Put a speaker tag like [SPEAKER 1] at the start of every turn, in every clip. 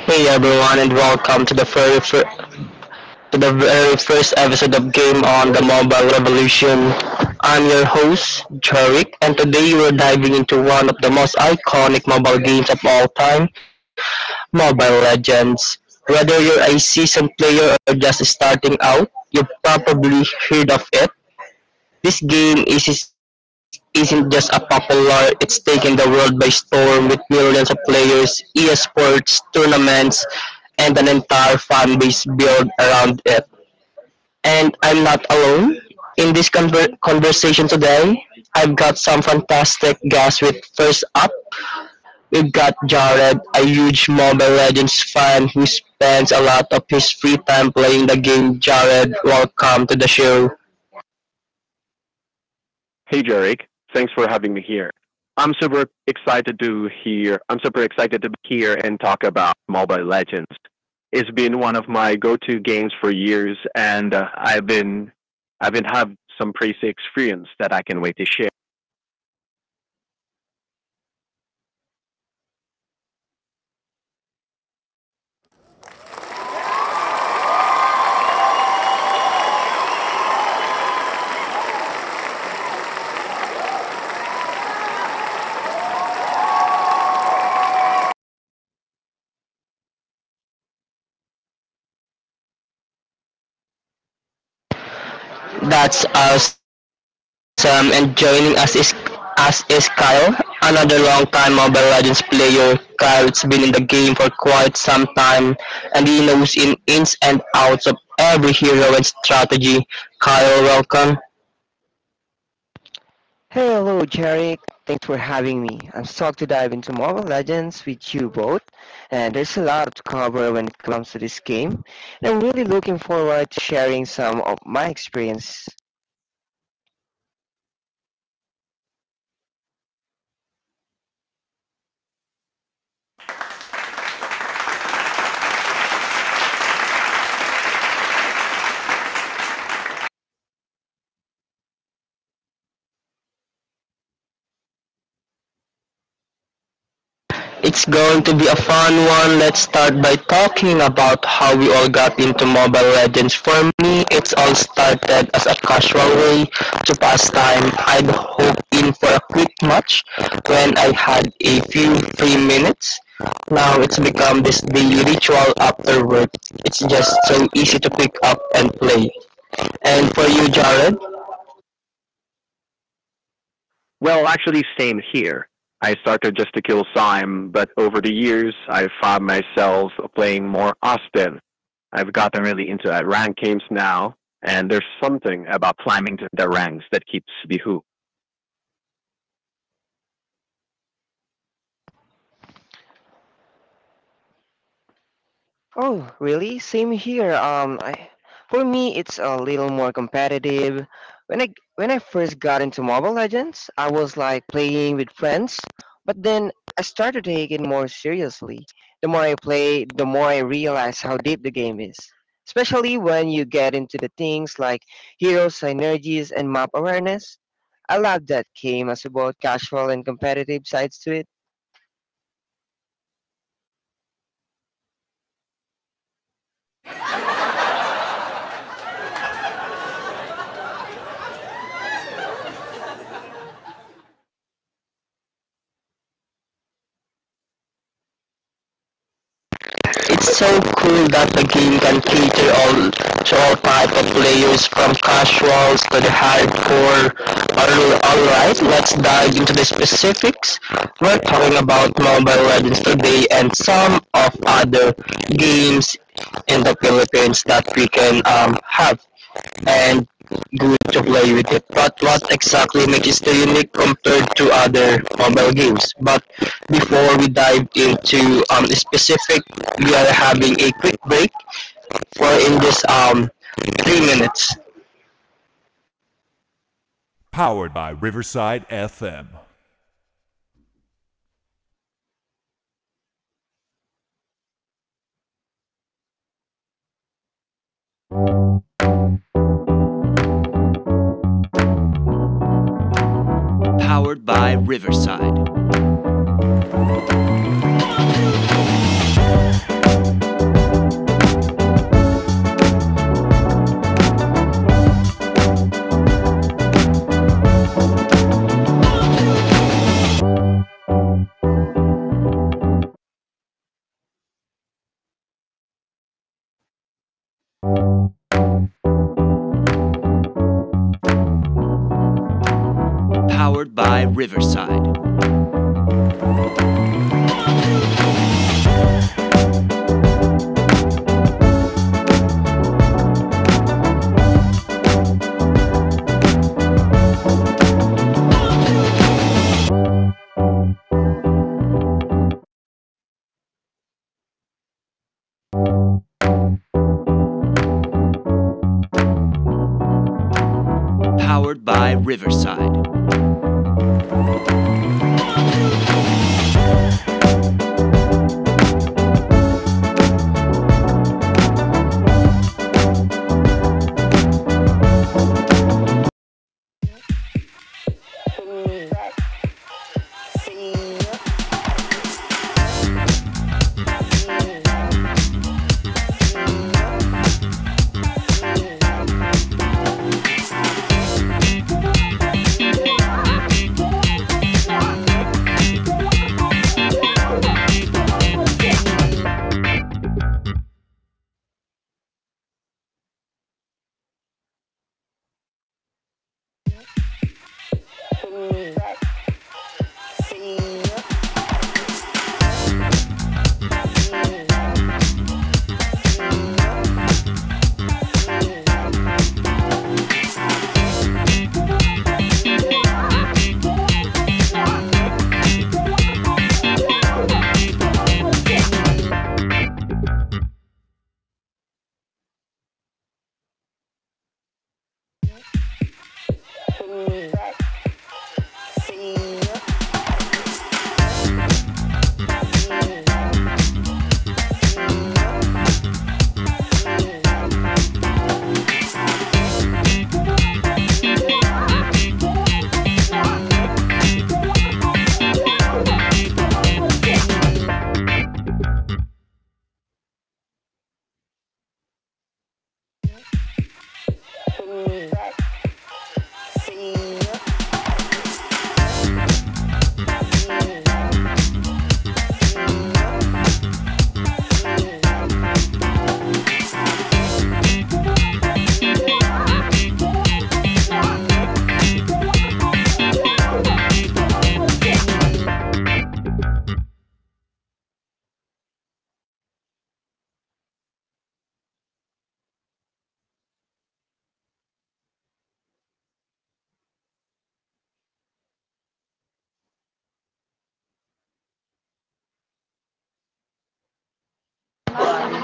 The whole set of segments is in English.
[SPEAKER 1] Hey everyone, and welcome to the to the very first episode of Game on the Mobile Revolution. I'm your host Jarek, and today we're diving into one of the most iconic mobile games of all time, Mobile Legends. Whether you're a seasoned player or just starting out, you've probably heard of it. This isn't just a popular, it's taken the world by storm with millions of players, esports, tournaments, and an entire fan base built around it. And I'm not alone. In this conversation today, I've got some fantastic guests with first up. We've got Jared, a huge Mobile Legends fan who spends a lot of his free time playing the game. Jared, welcome to the show.
[SPEAKER 2] Hey, Jarek. Thanks for having me here. I'm super excited to hear. I'm super excited to be here and talk about Mobile Legends. It's been one of my go-to games for years, and I've been have some crazy experience that I can wait to share.
[SPEAKER 1] That's awesome. And joining us is Kyle, another long-time Mobile Legends player. Kyle's been in the game for quite some time, and he knows in ins and outs of every hero and strategy. Kyle, welcome.
[SPEAKER 3] Hello, Jarek. Thanks for having me. I'm stoked to dive into Mobile Legends with you both, and there's a lot to cover when it comes to this game. And I'm really looking forward to sharing some of my experience.
[SPEAKER 1] It's going to be a fun one. Let's start by talking about how we all got into Mobile Legends. For me, it's all started as a casual way to pass time. I'd hop in for a quick match when I had a few free minutes. Now it's become this daily ritual after work. It's just so easy to pick up and play. And for you, Jared?
[SPEAKER 2] Well, actually, same here. I started just to kill Syme, but over the years, I found myself playing more often. I've gotten really into rank games now, and there's something about climbing to the ranks that keeps the hook.
[SPEAKER 3] Oh, really? Same here. For me, it's a little more competitive. When I when I first got into Mobile Legends, I was like playing with friends, but then I started taking it more seriously. The more I play, the more I realize how deep the game is. Especially when you get into the things like hero synergies and map awareness. I love that game as about casual and competitive sides to it.
[SPEAKER 1] It's so cool that the game can cater all to all type of players from casuals to the hardcore. Alright, let's dive into the specifics. We're talking about Mobile Legends today and some of other games in the Philippines that we can have and good to play with it. But what exactly makes it unique compared to other mobile games? But before we dive into specific, we are having a quick break for in this 3 minutes.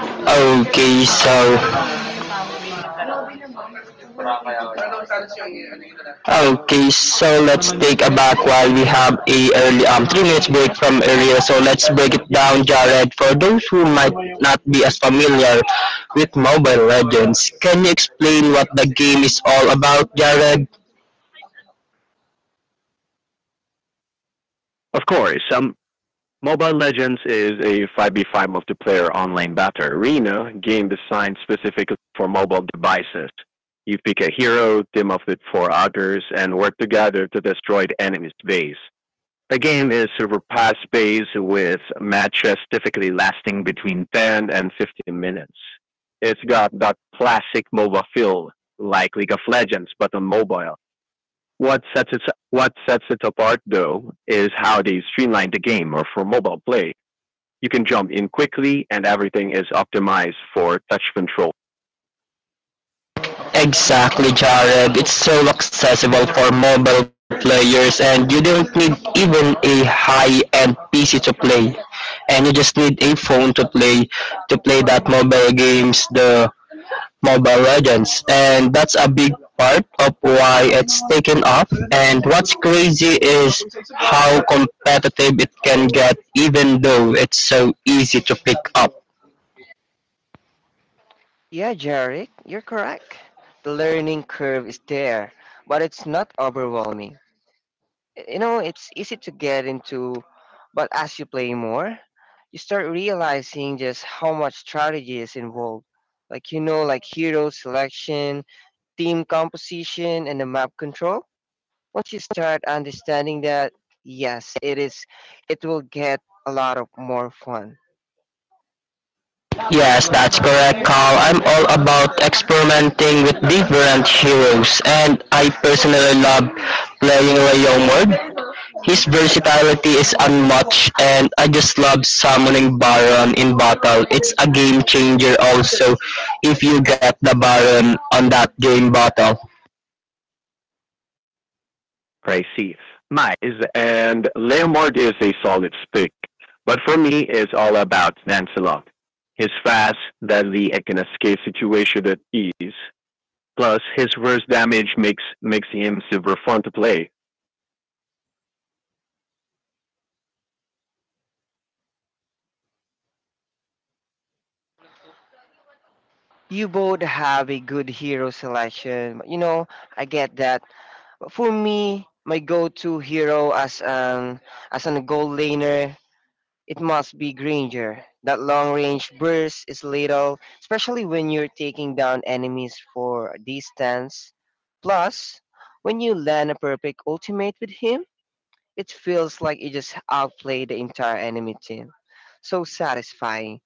[SPEAKER 1] Okay, so Okay, so let's take a back while we have a early 3 minutes break from earlier. So let's break it down, Jared. For those who might not be as familiar with Mobile Legends, can you explain what the game is all about, Jared?
[SPEAKER 2] Of course, Mobile Legends is a 5v5 multiplayer online battle arena game designed specifically for mobile devices. You pick a hero, team up with four others, and work together to destroy the enemy's base. The game is super fast paced with matches typically lasting between 10 and 15 minutes. It's got that classic MOBA feel, like League of Legends, but on mobile. What sets it what sets it apart though is how they streamlined the game or for mobile play. You can jump in quickly and everything is optimized for touch control.
[SPEAKER 1] Exactly, Jared. It's so accessible for mobile players, and you don't need even a high-end PC to play. And you just need a phone to play that mobile games. The Mobile Legends, and that's a big part of why it's taken off. And what's crazy is how competitive it can get, even though it's so easy to pick up.
[SPEAKER 3] Yeah, Jarek, you're correct. The learning curve is there, but it's not overwhelming. You know, it's easy to get into, but as you play more, you start realizing just how much strategy is involved. Like, you know, like hero selection, team composition, and the map control. Once you start understanding that, yes, it is, it will get a lot of more fun.
[SPEAKER 1] Yes, that's correct, Carl. I'm all about experimenting with different heroes, and I personally love playing Ray Youngward. His versatility is unmatched, and I just love summoning Baron in battle. It's a game changer, also, if you get the Baron on that game battle.
[SPEAKER 2] I see. My is and Leomord is a solid pick, but for me it's all about Lancelot. His fast, deadly, and can escape situation at ease. Plus his worst damage makes him super fun to play.
[SPEAKER 3] You both have a good hero selection, you know, I get that. For me, my go-to hero as an goal laner, it must be Granger. That long-range burst is lethal, especially when you're taking down enemies for a distance. Plus, when you land a perfect ultimate with him, it feels like you just outplayed the entire enemy team. So satisfying.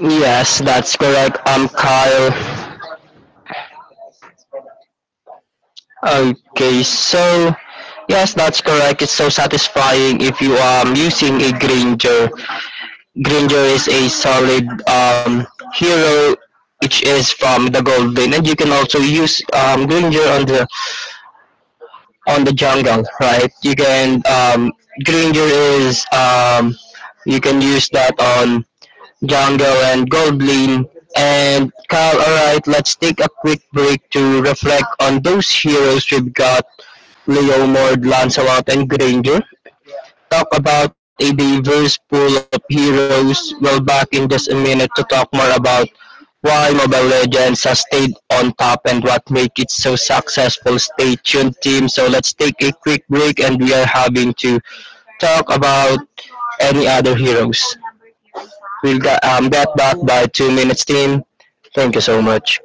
[SPEAKER 1] Yes, that's correct. I'm Kyle. Okay, so yes, that's correct. It's so satisfying if you are using a Granger is a solid hero, which is from the gold vein, and you can also use Granger on the jungle, right? You can Granger is you can use that on jungle and gold lane. And Kyle, alright, let's take a quick break to reflect on those heroes we've got: Leomord, Lancelot, and Granger. Talk about a diverse pool of heroes, we'll back in just a minute to talk more about why Mobile Legends has stayed on top and what makes it so successful. Stay tuned, team. So let's take a quick break, and we are having to talk about any other heroes. We'll get back by 2 minutes, team. Thank you so much.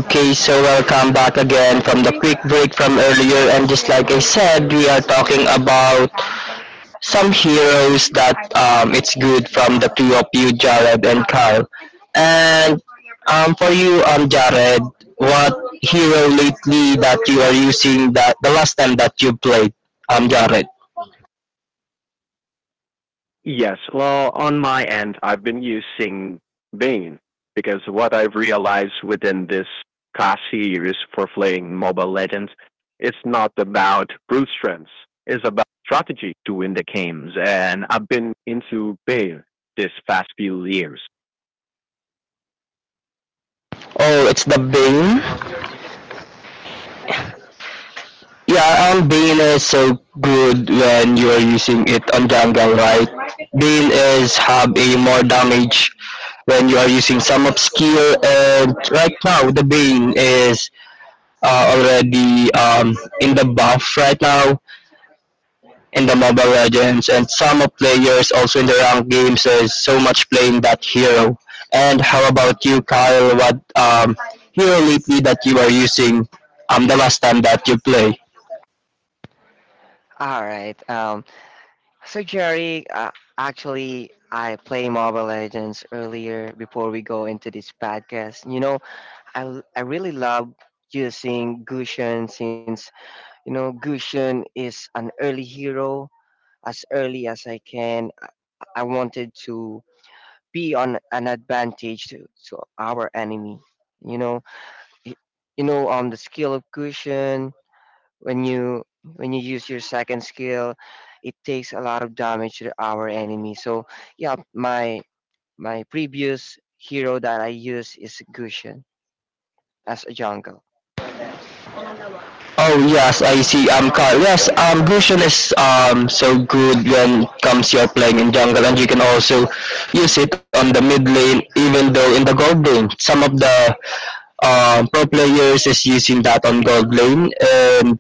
[SPEAKER 1] Okay, so welcome back again from the quick break from earlier. And just like I said, we are talking about some heroes that it's good from the two of you, Jared and Carl. And for you, Jared, what hero lately that you are using that the last time that you played, Jared?
[SPEAKER 2] Yes. Well, on my end, I've been using Bane because what I've realized within this class series for playing Mobile Legends, it's not about brute strength. It's about strategy to win the games, and I've been into Bane this past few years.
[SPEAKER 1] Oh, it's the Bane. Yeah, Bane is so good when you are using it on jungle, right? Bane is have a more damage when you are using some of skill and right now the Bane is already in the buff right now in the Mobile Legends and some of players also in the ranked games is so much playing that hero. And how about you Kyle, what hero lately that you are using the last time that you play?
[SPEAKER 3] All right. So Jerry, actually, I play Mobile Legends earlier before we go into this podcast. You know, I really love using Gushen since, you know, Gushen is an early hero. As early as I can, I wanted to be on an advantage to our enemy. You know, Y- you know, the skill of Gushen, when you when you use your second skill, it takes a lot of damage to our enemy. So yeah, my previous hero that I use is Gushen as a jungle.
[SPEAKER 1] Oh yes, I see. Carl. Yes, Brucian is so good when comes you're playing in jungle, and you can also use it on the mid lane, even though in the gold lane, some of the pro players is using that on gold lane and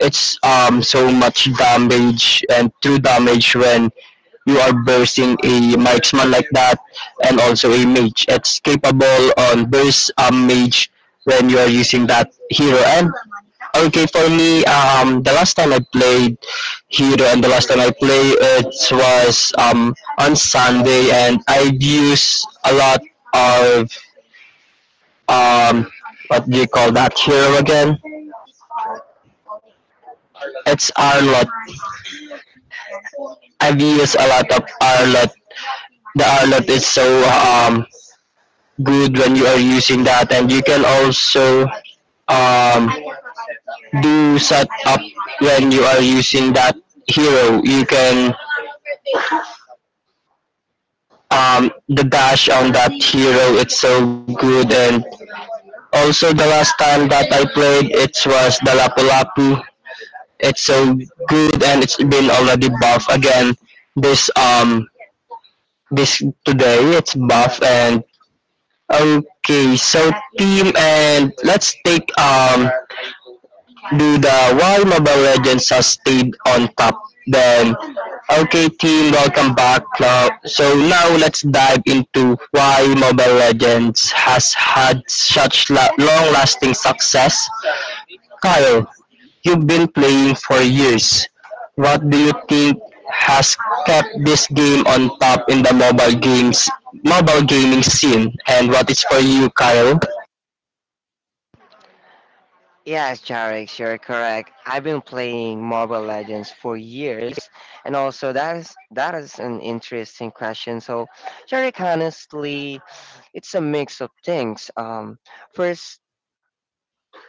[SPEAKER 1] it's so much damage and true damage when you are bursting a marksman like that and also a mage. It's capable on burst mage when you are using that hero and okay for me the last time I played hero and the last time I played it was on Sunday and I use a lot of um, what do you call that hero again? It's Arlot. I've used a lot of Arlot. The Arlot is so good when you are using that, and you can also um, do set up when you are using that hero. You can the dash on that hero it's so good and also the last time that I played it was the Lapu Lapu. It's so good and it's been already buffed again this um this today it's buff and okay, so team and let's take do the why Mobile Legends has stayed on top. Then okay team, welcome back. Now so now let's dive into why Mobile Legends has had such long lasting success. Kyle, you've been playing for years. What do you think has kept this game on top in the mobile gaming scene and what is for you, Kyle?
[SPEAKER 3] Yes, Jarek, you're correct. I've been playing Mobile Legends for years, and also that is an interesting question. So, Jarek, honestly, it's a mix of things. First,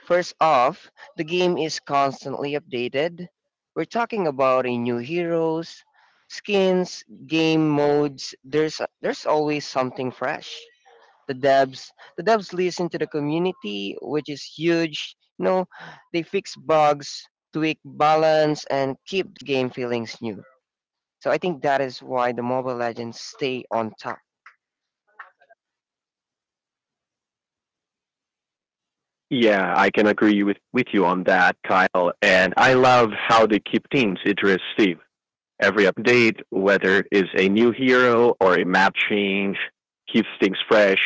[SPEAKER 3] First off, the game is constantly updated. We're talking about a new heroes, skins, game modes. There's always something fresh. The devs the devs listen to the community, which is huge. You know, they fix bugs, tweak balance, and keep the game feelings new. So I think that is why the Mobile Legends stay on top.
[SPEAKER 2] Yeah, I can agree with you on that, Kyle. And I love how they keep things interesting every update, whether it's a new hero or a map change, keeps things fresh.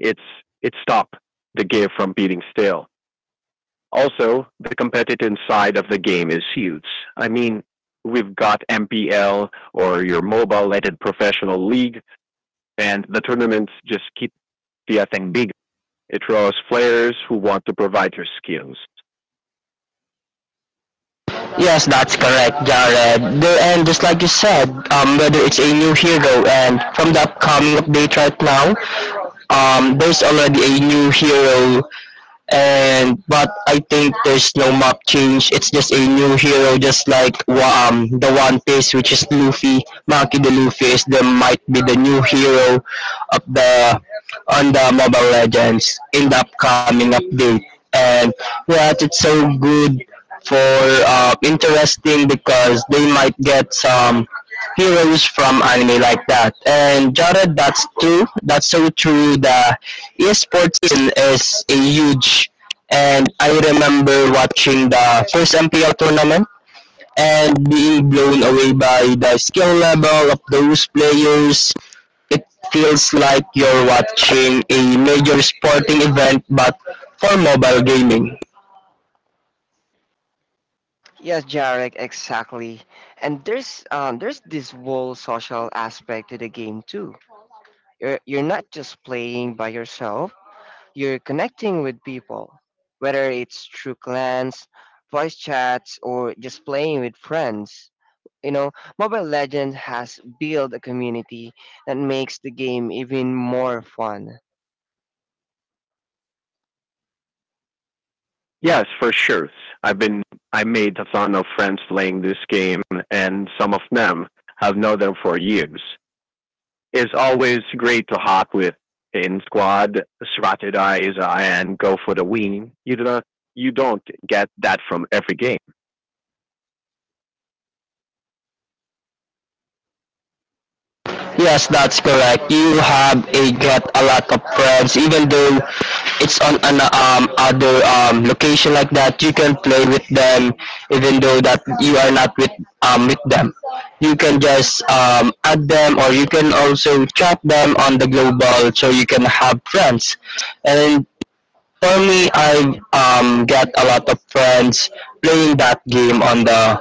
[SPEAKER 2] It's it stopped the game from beating stale. Also, the competitive side of the game is huge. I mean, we've got MPL or your mobile-related professional league, and the tournaments just keep the thing big. It draws players who want to provide their skills.
[SPEAKER 1] Yes, that's correct, Jared. The, and just like you said, whether it's a new hero and from the upcoming update right now, there's already a new hero and but I think there's no map change. It's just a new hero, just like the One Piece, which is Luffy. Maki the Luffy is the might be the new hero of the on the Mobile Legends in the upcoming update. And yeah, it's so good for interesting because they might get some heroes from anime like that. And Jared, that's true. That's so true. The esports scene is a huge and I remember watching the first MPL tournament and being blown away by the skill level of those players. It feels like you're watching a major sporting event but for mobile gaming.
[SPEAKER 3] Yes, Jarek, exactly. And there's this whole social aspect to the game too. You're not just playing by yourself. You're connecting with people, whether it's through clans, voice chats, or just playing with friends. You know, Mobile Legends has built a community that makes the game even more fun.
[SPEAKER 2] Yes, for sure. I've been I made a ton of friends playing this game, and some of them have known them for years. It's always great to hop with in squad, strategize, and go for the win. You don't get that from every game.
[SPEAKER 1] Yes, that's correct. You have a get a lot of friends, even though it's on an other location like that. You can play with them, even though that you are not with with them. You can just add them, or you can also chat them on the global, so you can have friends. And for me, I've got a lot of friends playing that game on the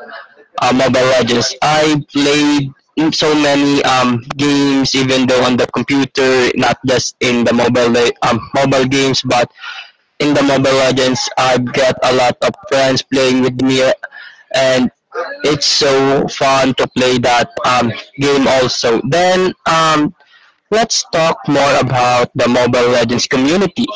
[SPEAKER 1] Mobile Legends. I played so many games, even though on the computer, not just in the mobile games, but in the Mobile Legends, I've got a lot of friends playing with me, and it's so fun to play that game also. Then let's talk more about the Mobile Legends community.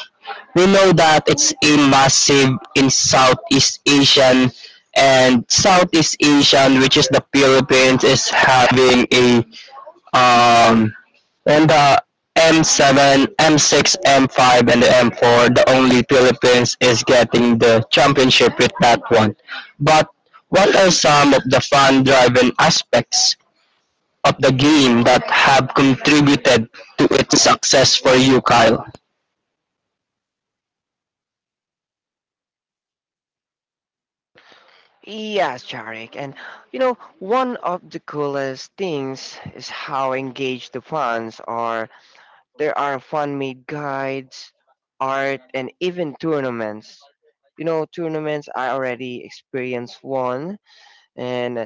[SPEAKER 1] We know that it's a massive in Southeast Asian, which is the Philippines, is having a um and the M7, M6, M5, and the M4. The only Philippines is getting the championship with that one. But what are some of the fun-driven aspects of the game that have contributed to its success for you, Kyle?
[SPEAKER 3] Yes, Charik, and you know, one of the coolest things is how engaged the fans are. There are fan made guides, art, and even tournaments. You know, tournaments I already experienced one, and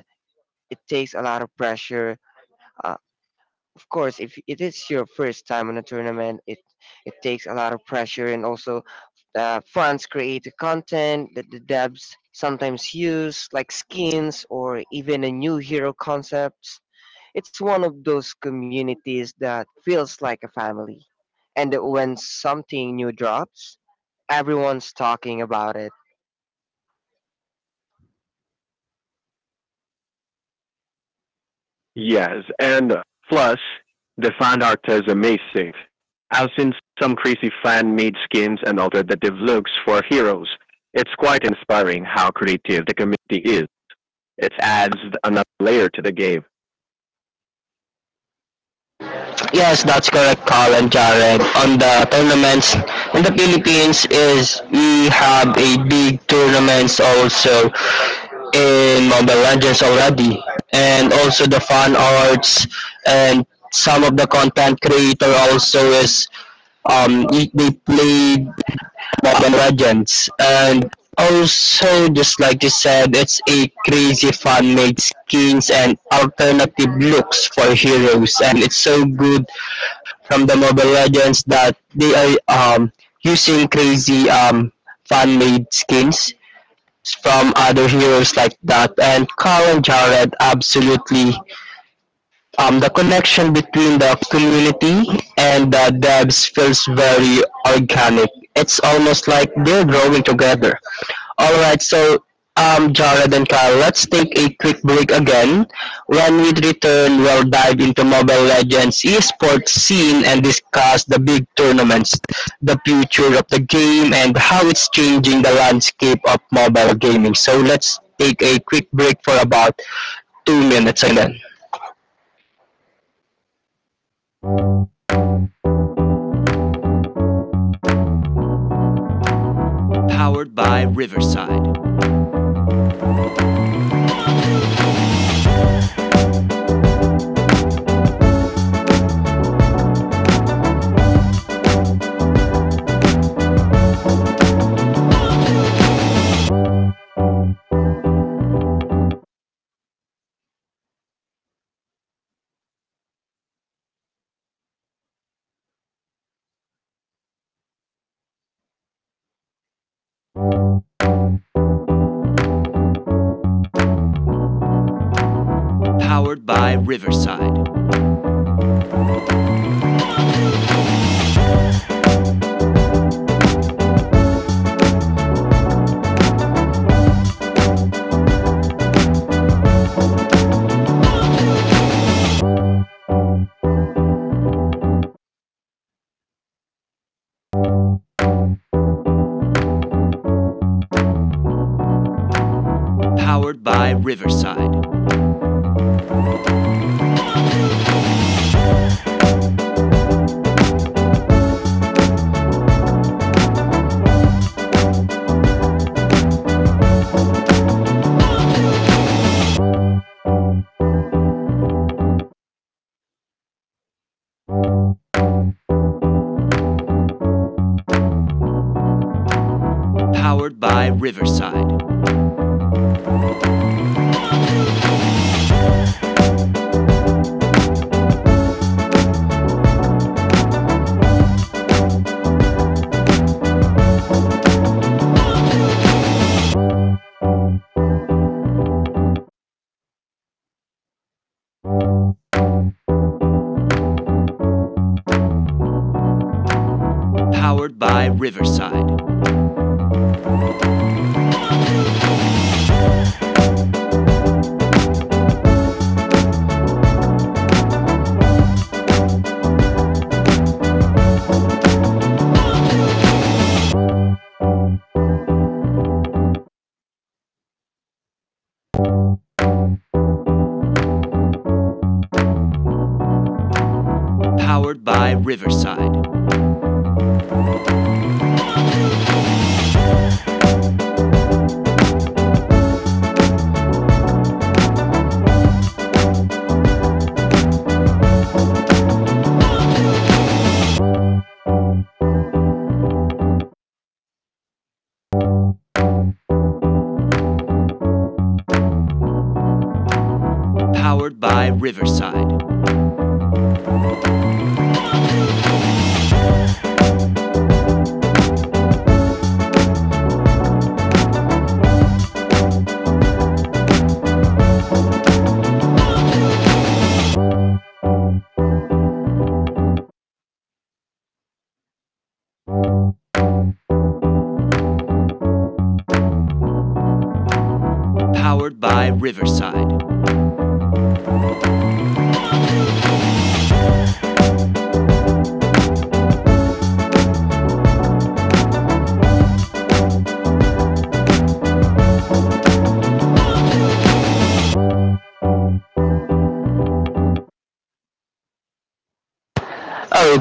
[SPEAKER 3] it takes a lot of pressure. Uh, of course, if it is your first time on a tournament, it takes a lot of pressure, and also the funds create the content that the devs sometimes use, like skins or even a new hero concepts. It's one of those communities that feels like a family, and when something new drops, everyone's talking about it.
[SPEAKER 2] Yes, and plus the fan art is amazing. I've seen some crazy fan made skins and alternative looks for heroes. It's quite inspiring how creative the community is. It adds another layer to the game.
[SPEAKER 1] Yes, that's correct, Kyle and Jared. On the tournaments in the Philippines is we have a big tournaments also in Mobile Legends already, and also the fan arts and some of the content creator also is they played Mobile Legends. And also, just like you said, it's a crazy fan-made skins and alternative looks for heroes. And it's so good from the Mobile Legends that they are um, using crazy fan-made skins from other heroes like that. And Carl and Jared absolutely the connection between the community and the devs feels very organic. It's almost like they're growing together. All right, so Jared and Kyle, let's take a quick break again. When we return, we'll dive into Mobile Legends esports scene and discuss the big tournaments, the future of the game, and how it's changing the landscape of mobile gaming. So let's take a quick break for about 2 minutes again.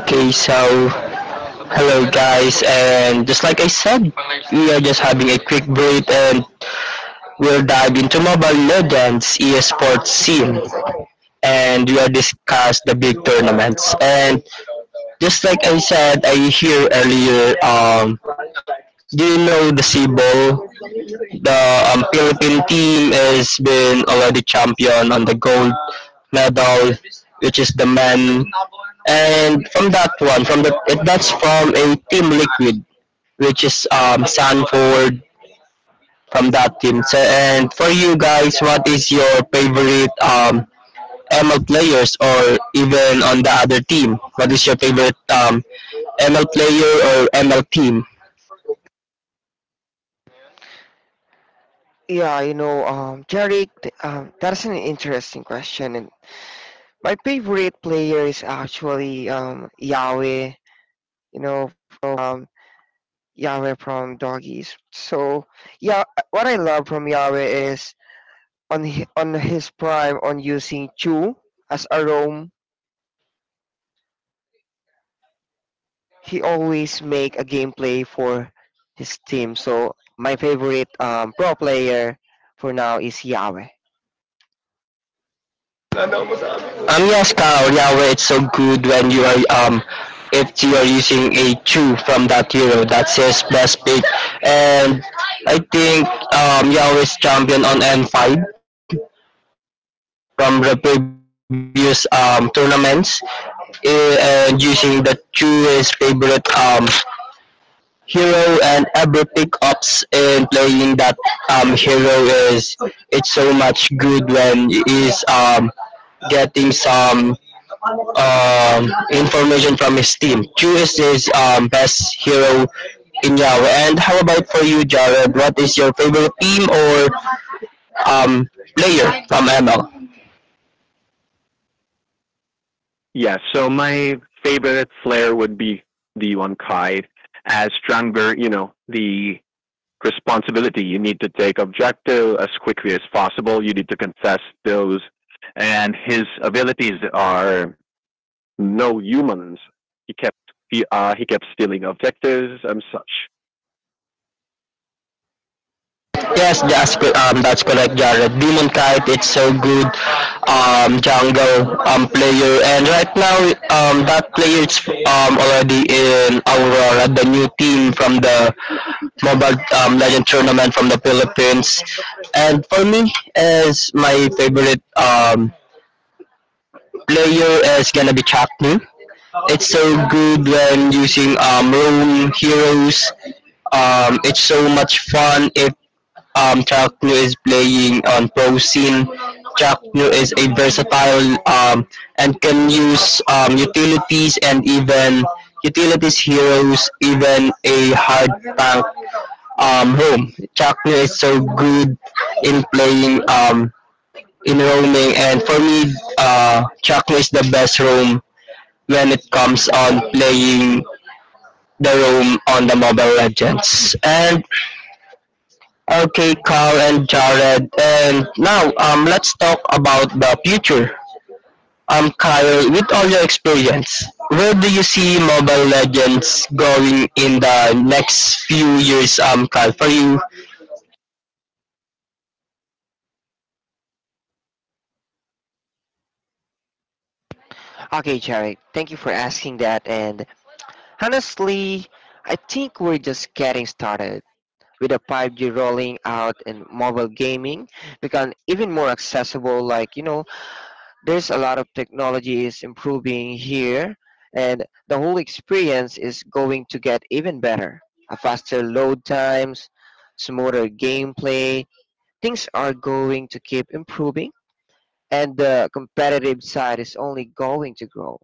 [SPEAKER 1] Okay, so hello guys, and just like I said, we are just having a quick break, and we'll dive into Mobile Legends, esports scene, and we'll discuss the big tournaments. And just like I said, I hear earlier, do you know the Cebu? The Philippine team has been already champion on the gold medal, which is the men. And from that one, from the that's from a Team Liquid, which is Sanford from that team. So, and for you guys, what is your favorite ML players or even on the other team? What is your favorite ML player or ML team?
[SPEAKER 3] Yeah, Jerry, that's an interesting question. My favorite player is actually Yahweh, you know, from Yahweh from Doggies. So yeah, what I love from Yahweh is on his prime on using Chu as a roam, he always make a gameplay for his team. So my favorite pro player for now is Yahweh.
[SPEAKER 1] Yes, Carl, Yahweh, it's so good when you are if you are using a two from that hero. That's his best pick, and I think Yahweh's champion on N5 from the previous tournaments, eh, and using the two is favorite hero and every pickups in playing that hero is it's so much good when he is getting some information from his team. Q is his best hero in Yahweh. And how about for you, Jared? What is your favorite team or um player from ML?
[SPEAKER 2] Yeah, so my favorite flair would be the one Kai as stronger, you know, the responsibility you need to take objective as quickly as possible. You need to confess those. And his abilities are no humans. He kept he kept stealing objectives and such.
[SPEAKER 1] Yes, that's correct, Jared. Demon Kite, it's so good jungle player, and right now that player is already in Aurora, the new team from the Mobile Legend tournament from the Philippines. And for me, as my favorite player is gonna be Chaknu. It's so good when using roam heroes, it's so much fun if, Chuck is playing on pro scene. Chuck is a versatile, and can use utilities and even utilities heroes, even a hard tank, home. Chuck is so good in playing, in roaming, and for me, Chuck is the best roam when it comes on playing the roam on the Mobile Legends. And okay, Kyle and Jared, and now let's talk about the future. Kyle, with all your experience, where do you see Mobile Legends going in the next few years? Kyle, for you.
[SPEAKER 3] Okay, Jarek, thank you for asking that. And honestly, I think we're just getting started. With the 5G rolling out and mobile gaming become even more accessible, like you know, there's a lot of technology is improving here, and the whole experience is going to get even better. A faster load times, smoother gameplay, things are going to keep improving, and the competitive side is only going to grow.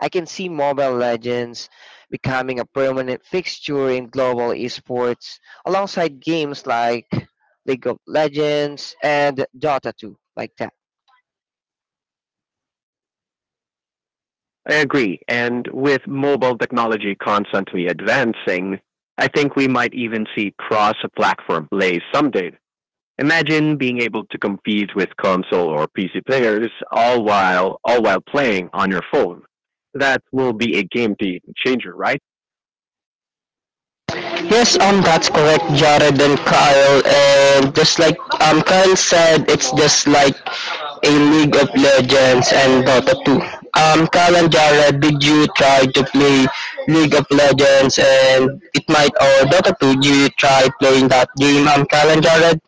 [SPEAKER 3] I can see Mobile Legends becoming a permanent fixture in global esports alongside games like League of Legends and Dota 2, like that.
[SPEAKER 2] I agree. And with mobile technology constantly advancing, I think we might even see cross-platform plays someday. Imagine being able to compete with console or PC players all while playing on your phone. That will be a game changer, right?
[SPEAKER 1] Yes, that's correct, Jared and Kyle. And just like, Kyle said, it's just like a League of Legends and Dota 2. Kyle and Jared, did you try to play League of Legends and it might or Dota 2? Did you try playing that game, Kyle and Jared?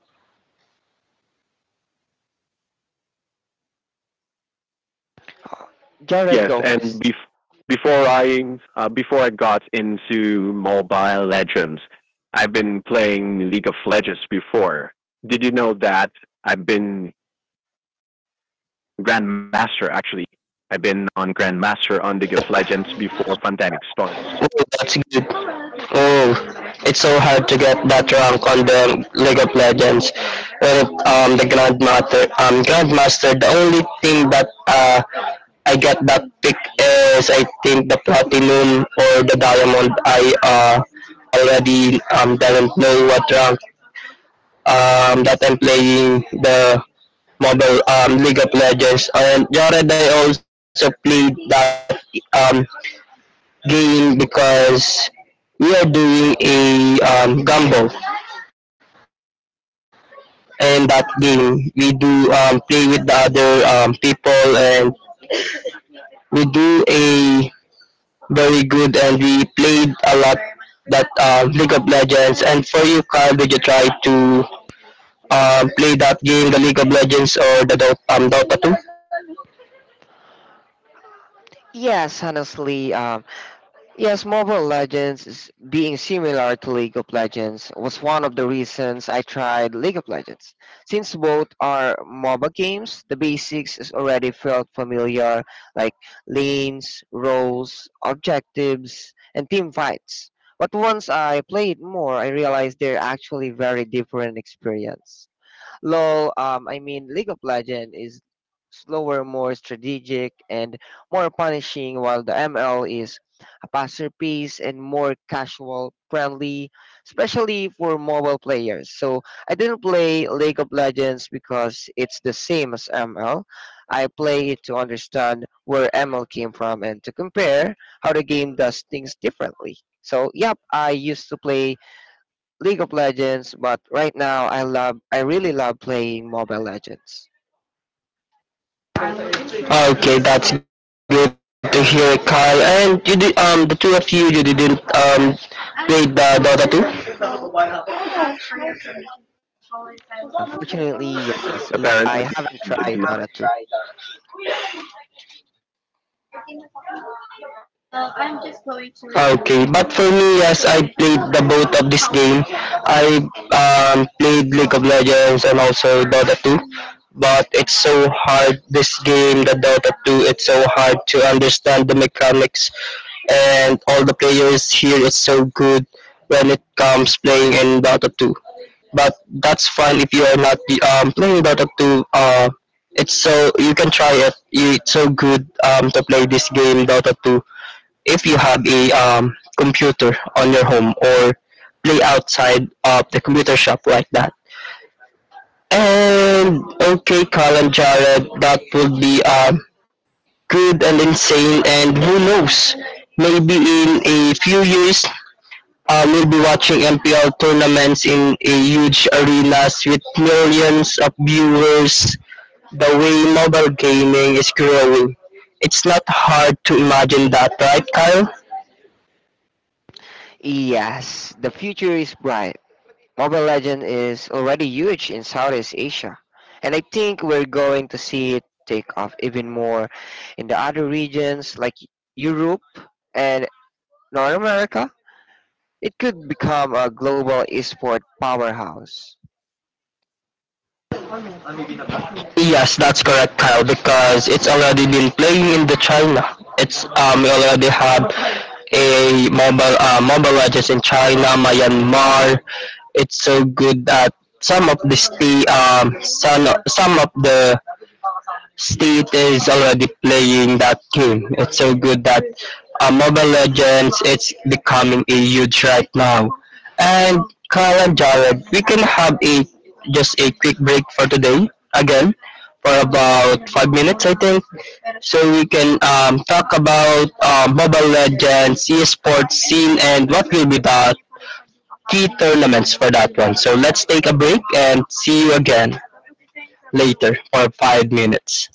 [SPEAKER 3] Jared,
[SPEAKER 2] Yes,
[SPEAKER 3] go
[SPEAKER 2] and
[SPEAKER 3] first.
[SPEAKER 2] before I got into Mobile Legends, I've been playing League of Legends before. Did you know that I've been Grandmaster actually? I've been on Grandmaster on League of Legends before pandemic starts.
[SPEAKER 1] That's good. Oh, it's so hard to get that rank on the League of Legends. When it, Grandmaster, the only thing that I get that pick is I think the Platinum or the Diamond. I already doesn't know what rank that I'm playing the mobile, League of Legends. And Jared, I also played that um, game because we are doing a, gamble, and that game we do play with the other people, and we do a very good, and we played a lot that League of Legends. And for you, Carl, did you try to play that game, the League of Legends or the Dota 2?
[SPEAKER 3] Yes, honestly, yes, Mobile Legends is being similar to League of Legends was one of the reasons I tried League of Legends. Since both are MOBA games, the basics is already felt familiar, like lanes, roles, objectives, and team fights. But once I played more, I realized they're actually very different experience. I mean, League of Legends is slower, more strategic, and more punishing, while the ML is a faster pace and more casual friendly, especially for mobile players. So I didn't play League of Legends because it's the same as ML. I play it to understand where ML came from and to compare how the game does things differently. So yep, I used to play League of Legends, but right now I really love playing Mobile Legends.
[SPEAKER 1] Okay, that's good to hear, Carl. And you did, the two of you, didn't play the Dota 2?
[SPEAKER 3] Unfortunately,
[SPEAKER 2] Apparently,
[SPEAKER 3] I haven't
[SPEAKER 2] I did.
[SPEAKER 3] tried Dota 2.
[SPEAKER 1] Okay, but for me, yes, I played the both of this game. I played League of Legends and also Dota 2, but it's so hard. This game, the Dota 2, it's so hard to understand the mechanics, and all the players here is so good when it comes playing in Dota 2. But that's fine if you are not playing Dota 2. It's so you can try it. It's so good to play this game Dota 2 if you have a computer on your home, or play outside of the computer shop like that. And okay, Carl and Jared, that would be good and insane. And who knows, maybe in a few years, we'll be watching MPL tournaments in a huge arenas with millions of viewers. The way mobile gaming is growing, it's not hard to imagine that, right, Kyle?
[SPEAKER 3] Yes, the future is bright. Mobile Legend is already huge in Southeast Asia, and I think we're going to see it take off even more in the other regions like Europe and North America. It could become a global esport powerhouse.
[SPEAKER 1] Yes, that's correct, Kyle, because it's already been playing in the China. It's, we already have a mobile legends in China, Myanmar. It's so good that some of the state some of the state is already playing that game. It's so good that, Mobile Legends, it's becoming a huge right now. And Kyle and Jared, we can have a just a quick break for today again for about 5 minutes, I think, so we can talk about, Mobile Legends, esports scene, and what will be the key tournaments for that one. So let's take a break and see you again later for 5 minutes.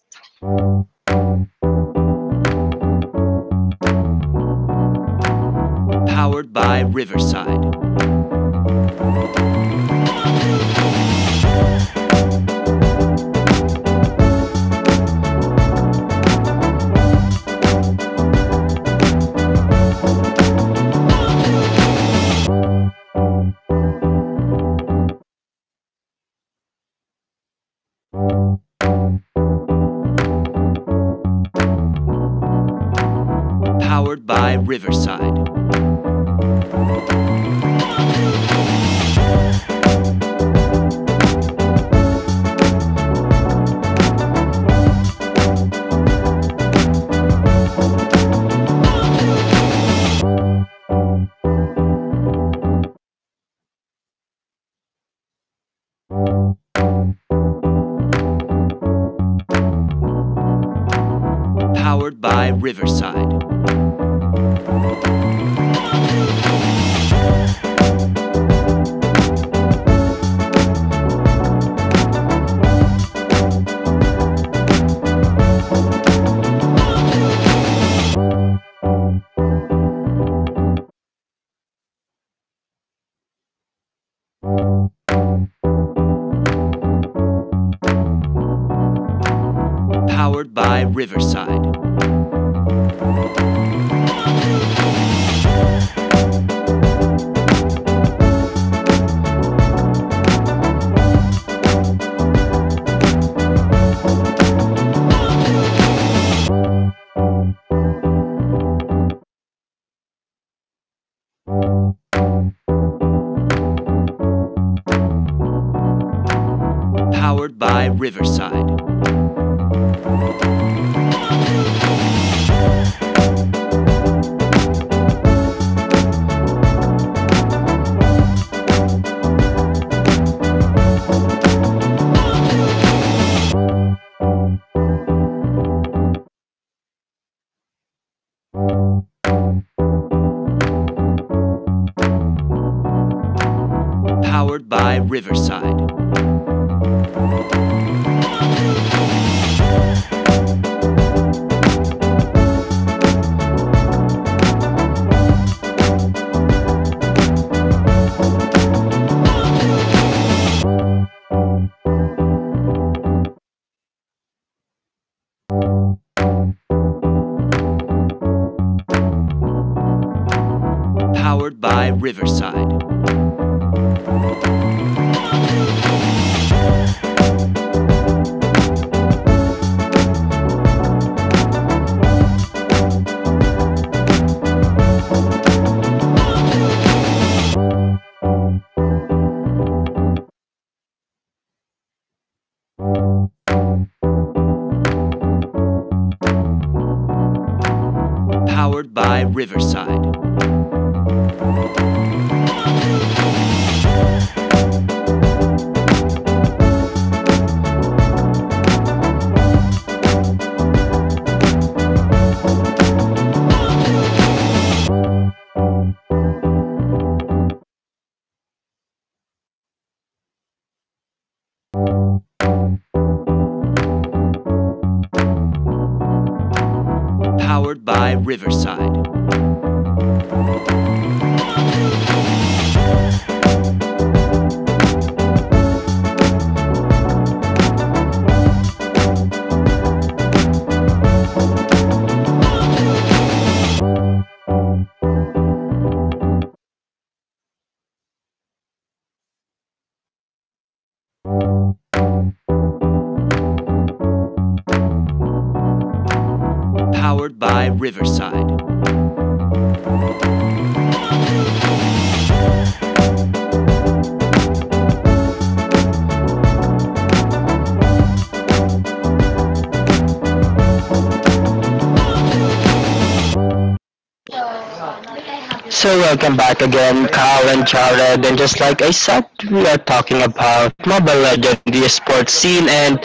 [SPEAKER 1] So welcome back again, Kyle and Jared, and just like I said, we are talking about Mobile Legends, the esports scene, and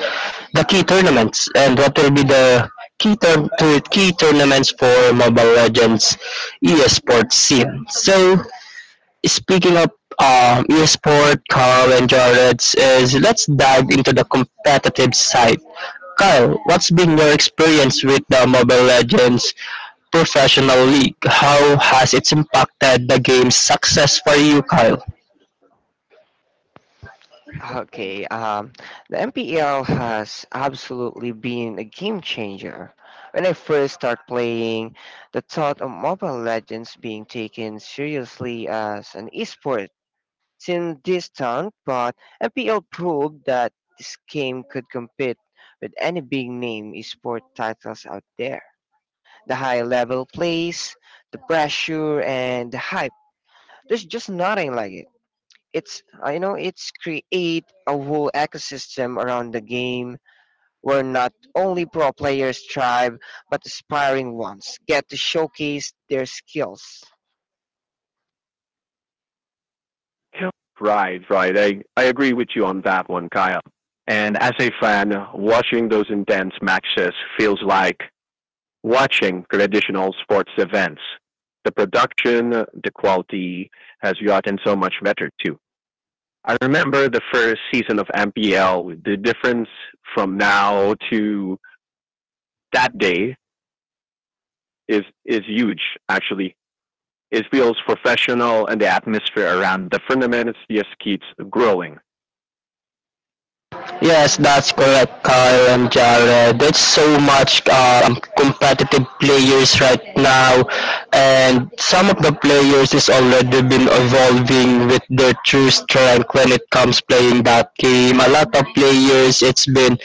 [SPEAKER 1] the key tournaments, and what will be the key tur- to key tournaments for Mobile Legends esports scene. So speaking of, esport, Kyle and Jared, is let's dive into the competitive side. Kyle, what's been your experience with the Mobile Legends professional league? How has it impacted the game's success for you, Kyle?
[SPEAKER 3] Okay, the MPL has absolutely been a game changer. When I first started playing, the thought of Mobile Legends being taken seriously as an esport seemed distant, but MPL proved that this game could compete with any big name esport titles out there. The high level plays, the pressure, and the hype. There's just nothing like it. It's you know, it's create a whole ecosystem around the game where not only pro players thrive but aspiring ones get to showcase their skills.
[SPEAKER 2] Right, right. I agree with you on that one, Kyle. And as a fan, watching those intense matches feels like watching traditional sports events. The production, the quality has gotten so much better too. I remember the first season of MPL, the difference from now to that day is huge, actually. It feels professional and the atmosphere around the tournament just keeps growing.
[SPEAKER 1] Yes, that's correct, Kyle and Jared. There's so much competitive players right now, and some of the players is already been evolving with their true strength when it comes playing that game. A lot of players, it's been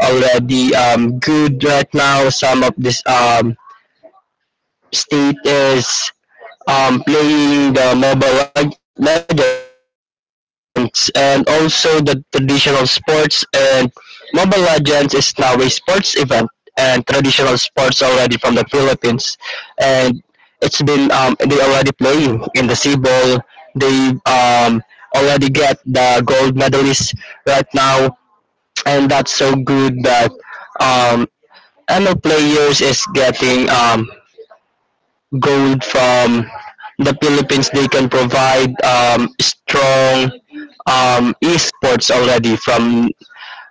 [SPEAKER 1] already good right now. Some of this state is playing the Legends, and also the traditional sports, and Mobile Legends is now a sports event and traditional sports already from the Philippines, and it's been they already playing in the sea ball. They, already get the gold medalist right now, and that's so good that, um, ML players is getting gold from the Philippines. They can provide strong esports already from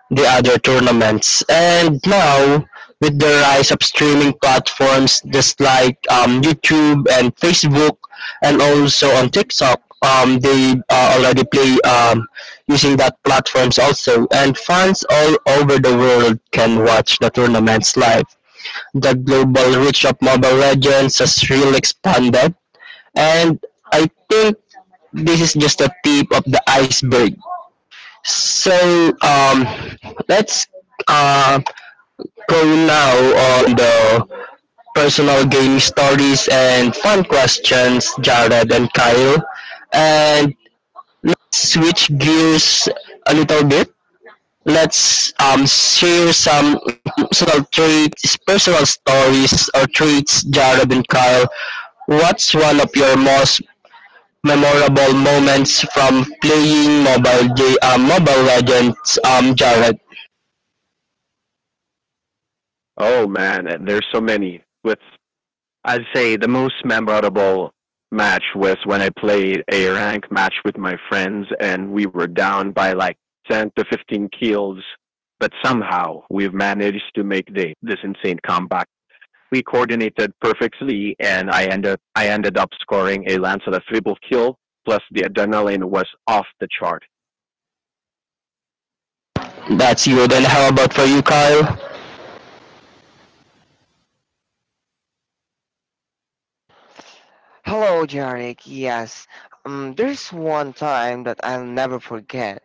[SPEAKER 1] the other tournaments. And now, with the rise of streaming platforms just like, YouTube and Facebook, and also on TikTok, they already play using that platforms also. And fans all over the world can watch the tournaments live. The global reach of Mobile Legends has really expanded, and I think this is just the tip of the iceberg. So, um, let's, uh, go now on the personal game stories and fun questions, Jared and Kyle, and switch gears a little bit. Let's share some personal traits, personal stories or traits, Jared and Kyle. What's one of your most memorable moments from playing Mobile Legends, Jared?
[SPEAKER 2] Oh man, and there's so many. With I'd say the most memorable match was when I played a rank match with my friends, and we were down by like 10 to 15 kills, but somehow we've managed to make the this insane comeback. We coordinated perfectly, and I ended up scoring a Lancelot triple kill. Plus, the adrenaline was off the chart.
[SPEAKER 1] That's good. And how about for you, Kyle?
[SPEAKER 3] Hello, Jarek. Yes, there's one time that I'll never forget.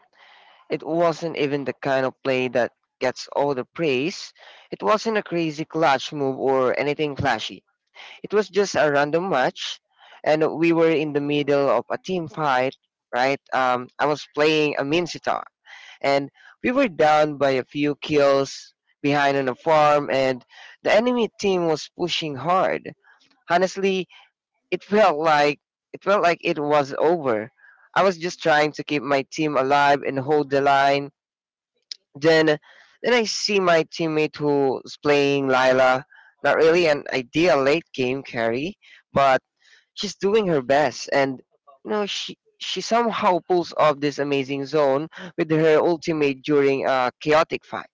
[SPEAKER 3] It wasn't even the kind of play that gets all the praise. It wasn't a crazy clutch move or anything flashy. It was just a random match, and we were in the middle of a team fight. Right, I was playing a mean sitar, and we were down by a few kills behind on a farm, and the enemy team was pushing hard. Honestly, it felt like it felt like it was over. I was just trying to keep my team alive and hold the line. Then, then I see my teammate who's playing Lila. Not really an ideal late game carry, but she's doing her best, and you know, she somehow pulls off this amazing zone with her ultimate during a chaotic fight.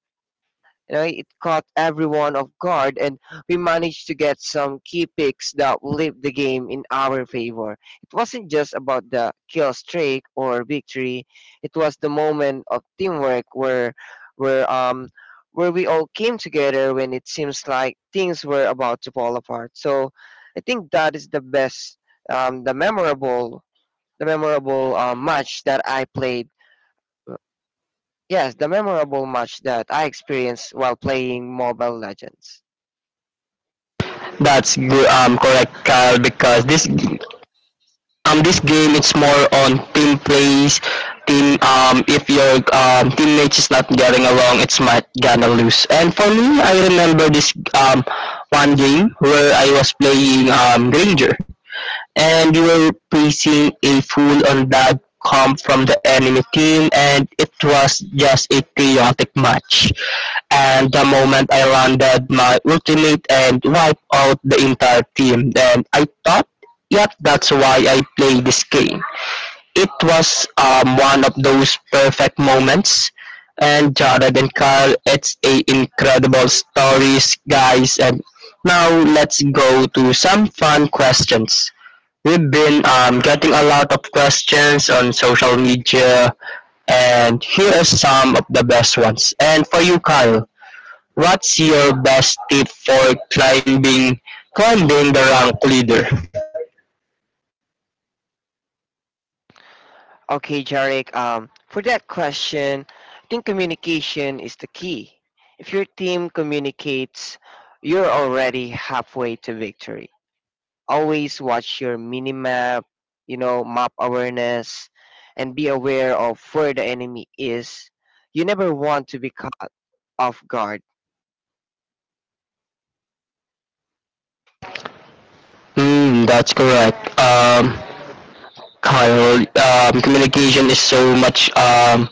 [SPEAKER 3] You know, it caught everyone off guard, and we managed to get some key picks that flipped the game in our favor. It wasn't just about the kill streak or victory; it was the moment of teamwork where, where um, where we all came together when it seems like things were about to fall apart. So, I think that is the best, um, the memorable, the memorable match that I played. Yes, the memorable match that I experienced while playing Mobile Legends.
[SPEAKER 1] That's good. Correct, Kyle, because this this game it's more on team plays, team if your teammates is not getting along, it's might gonna lose. And for me, I remember this one game where I was playing Granger, and we were placing a full on bad comp from the enemy team, and it was just a chaotic match, and the moment I landed my ultimate and wiped out the entire team. And I thought, yep, that's why I play this game. It was one of those perfect moments. And Jared and Carl, it's a incredible stories, guys. And now let's go to some fun questions. We've been getting a lot of questions on social media, and here are some of the best ones. And for you, Kyle, what's your best tip for climbing climbing the rank leader?
[SPEAKER 3] Okay, Jarek, for that question, I think communication is the key. If your team communicates, you're already halfway to victory. Always watch your mini map, you know, map awareness, and be aware of where the enemy is. You never want to be caught off guard.
[SPEAKER 1] Mm, that's correct. Kyle, communication is so much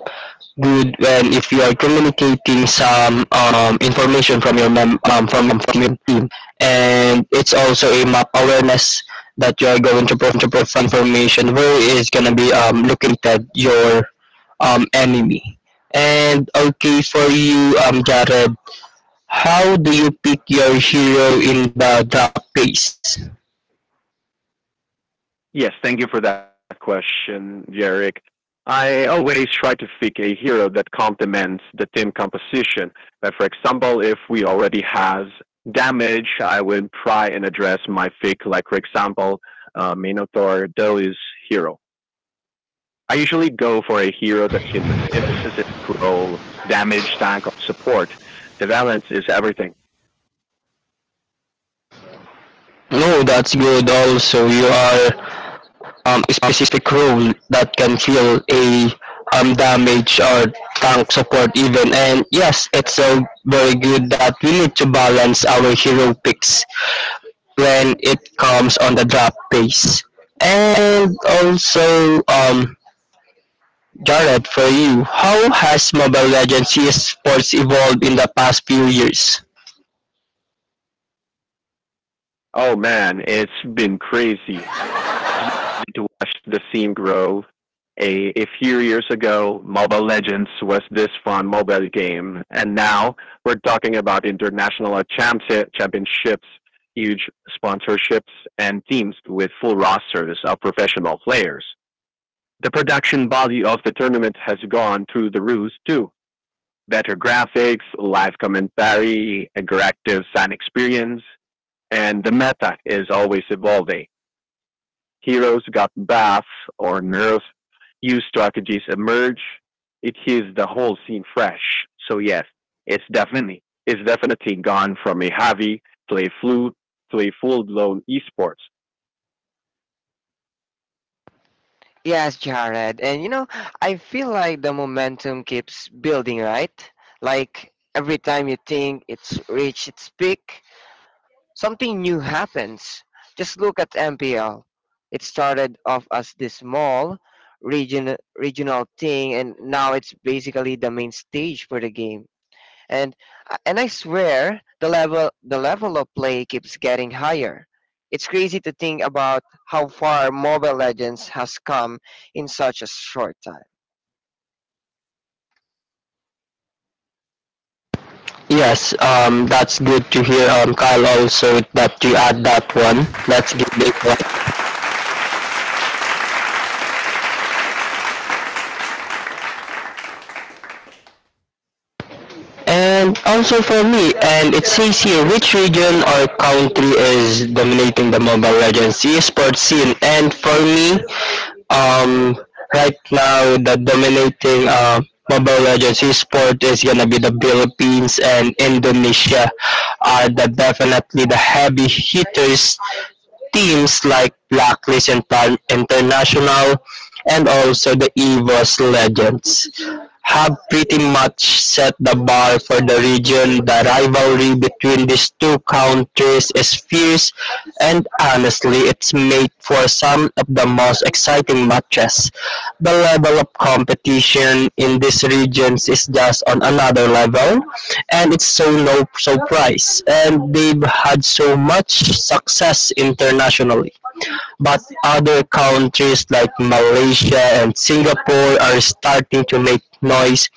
[SPEAKER 1] good when if you are communicating some information from your mem- from your team. And it's also a map awareness that you are going to provide information where is gonna be located your enemy. And okay, for you, Jared, how do you pick your hero in the draft phase?
[SPEAKER 2] Yes, thank you for that question, Jarek. I always try to pick a hero that complements the team composition. But for example, if we already has damage, I will try and address my pick, like for example, Minotaur Deli's hero. I usually go for a hero that can fill specific role, damage, tank, or support. The balance is everything.
[SPEAKER 1] No, that's good. Also, you are a specific role that can fill a damage or tank support even. And yes, it's so very good that we need to balance our hero picks when it comes on the draft phase. And also, Jared, for you, how has Mobile Legends CS sports evolved in the past few years?
[SPEAKER 2] Oh man, it's been crazy to watch the scene grow. A few years ago, Mobile Legends was this fun mobile game, and now we're talking about international championships, huge sponsorships, and teams with full rosters of professional players. The production value of the tournament has gone through the roof too. Better graphics, live commentary, interactive fan experience, and the meta is always evolving, heroes got bath or nerf, new strategies emerge. It is the whole scene fresh. So yes, it's definitely gone from a heavy to a flu to a full blown esports.
[SPEAKER 3] Yes, Jared. And you know, I feel like the momentum keeps building, right? Like every time you think it's reached its peak, something new happens. Just look at MPL. It started off as this small regional thing, and now it's basically the main stage for the game. and and I swear the level of play keeps getting higher. It's crazy to think about how far Mobile Legends has come in such a short time.
[SPEAKER 1] Yes, that's good to hear, Kyle. Also, that you add that one. That's good. Big one. And also for me, and it says here which region or country is dominating the Mobile Legends esports scene. And for me, um, right now, the dominating, Mobile Legends esport is gonna be the Philippines and Indonesia are the definitely the heavy hitters. Teams like International, and also the EVOS Legends, have pretty much set the bar for the region. The rivalry between these two countries is fierce, and honestly, it's made for some of the most exciting matches. The level of competition in these regions is just on another level, and it's so no surprise. And they've had so much success internationally. But other countries like Malaysia and Singapore are starting to make noise,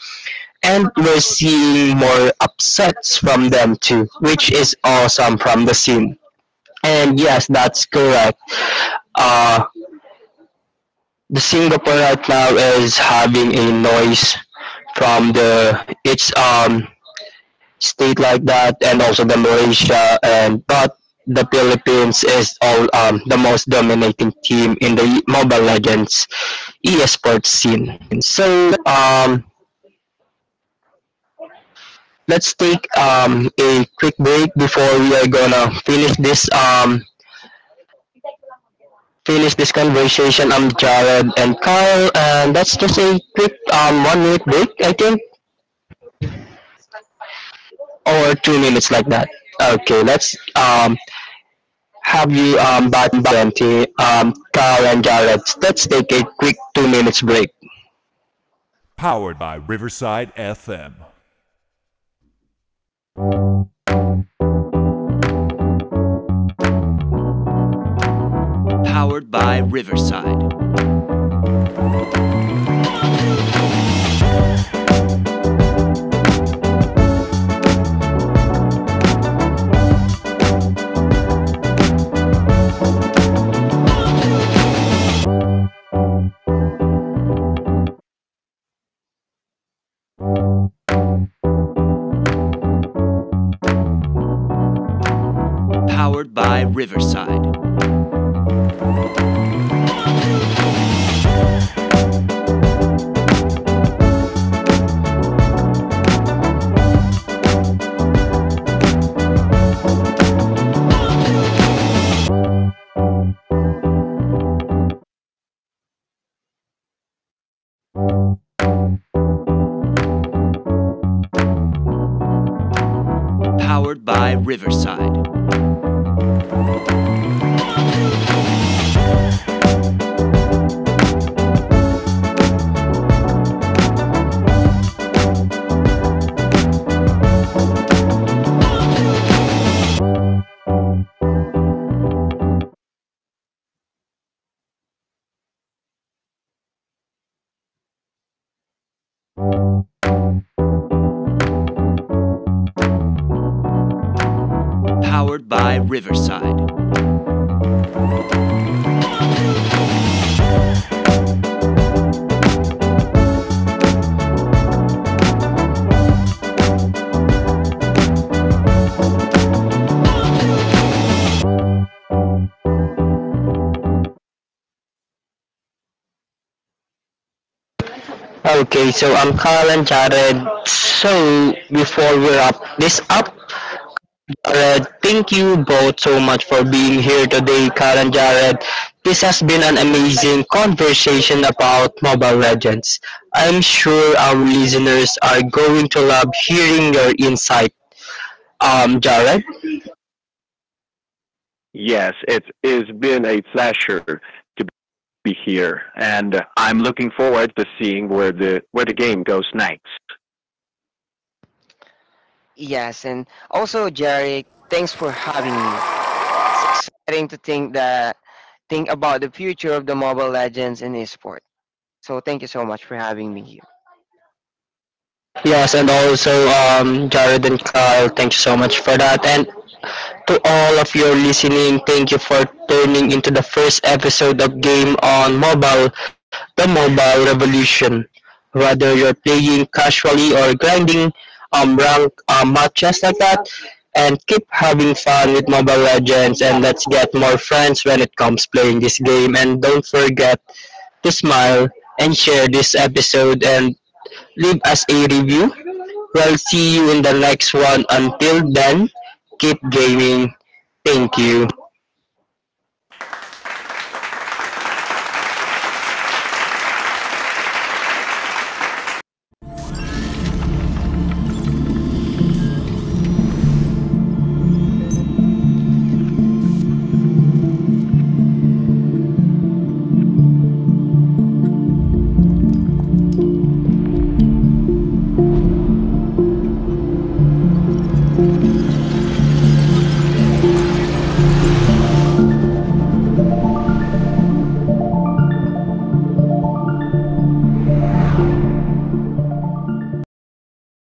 [SPEAKER 1] and we're seeing more upsets from them too, which is awesome from the scene. And yes, that's correct. Uh, the Singapore right now is having a noise from the its state like that, and also the Malaysia, and but the Philippines is all the most dominating team in the Mobile Legends esports scene. So let's take a quick break before we are gonna finish this, conversation. I'm Jared and Kyle, and that's just a quick 1 minute break, I think, or 2 minutes like that. Okay, let's, have you back to Kyle and Jared. Let's take a quick 2 minutes break. Okay, so I'm Kyle and Jared. So before we wrap this up, Jared. Thank you both so much for being here today, Carl and Jared. This has been an amazing conversation about Mobile Legends. I'm sure our listeners are going to love hearing your insight. Jared.
[SPEAKER 2] Yes, it has been a pleasure to be here, and I'm looking forward to seeing where the game goes next.
[SPEAKER 3] Yes, and also Jerry, thanks for having me. It's exciting to think about the future of the Mobile Legends in esports. So thank you so much for having me here.
[SPEAKER 1] Yes, and also, Jared and Carl, thank you so much for that. And to all of your listening, thank you for tuning into the first episode of Game on Mobile, the mobile revolution. Whether you're playing casually or grinding rank matches like that, and keep having fun with Mobile Legends, and let's get more friends when it comes playing this game. And don't forget to smile and share this episode and leave us a review. We'll see you in the next one. Until then, keep gaming. Thank you.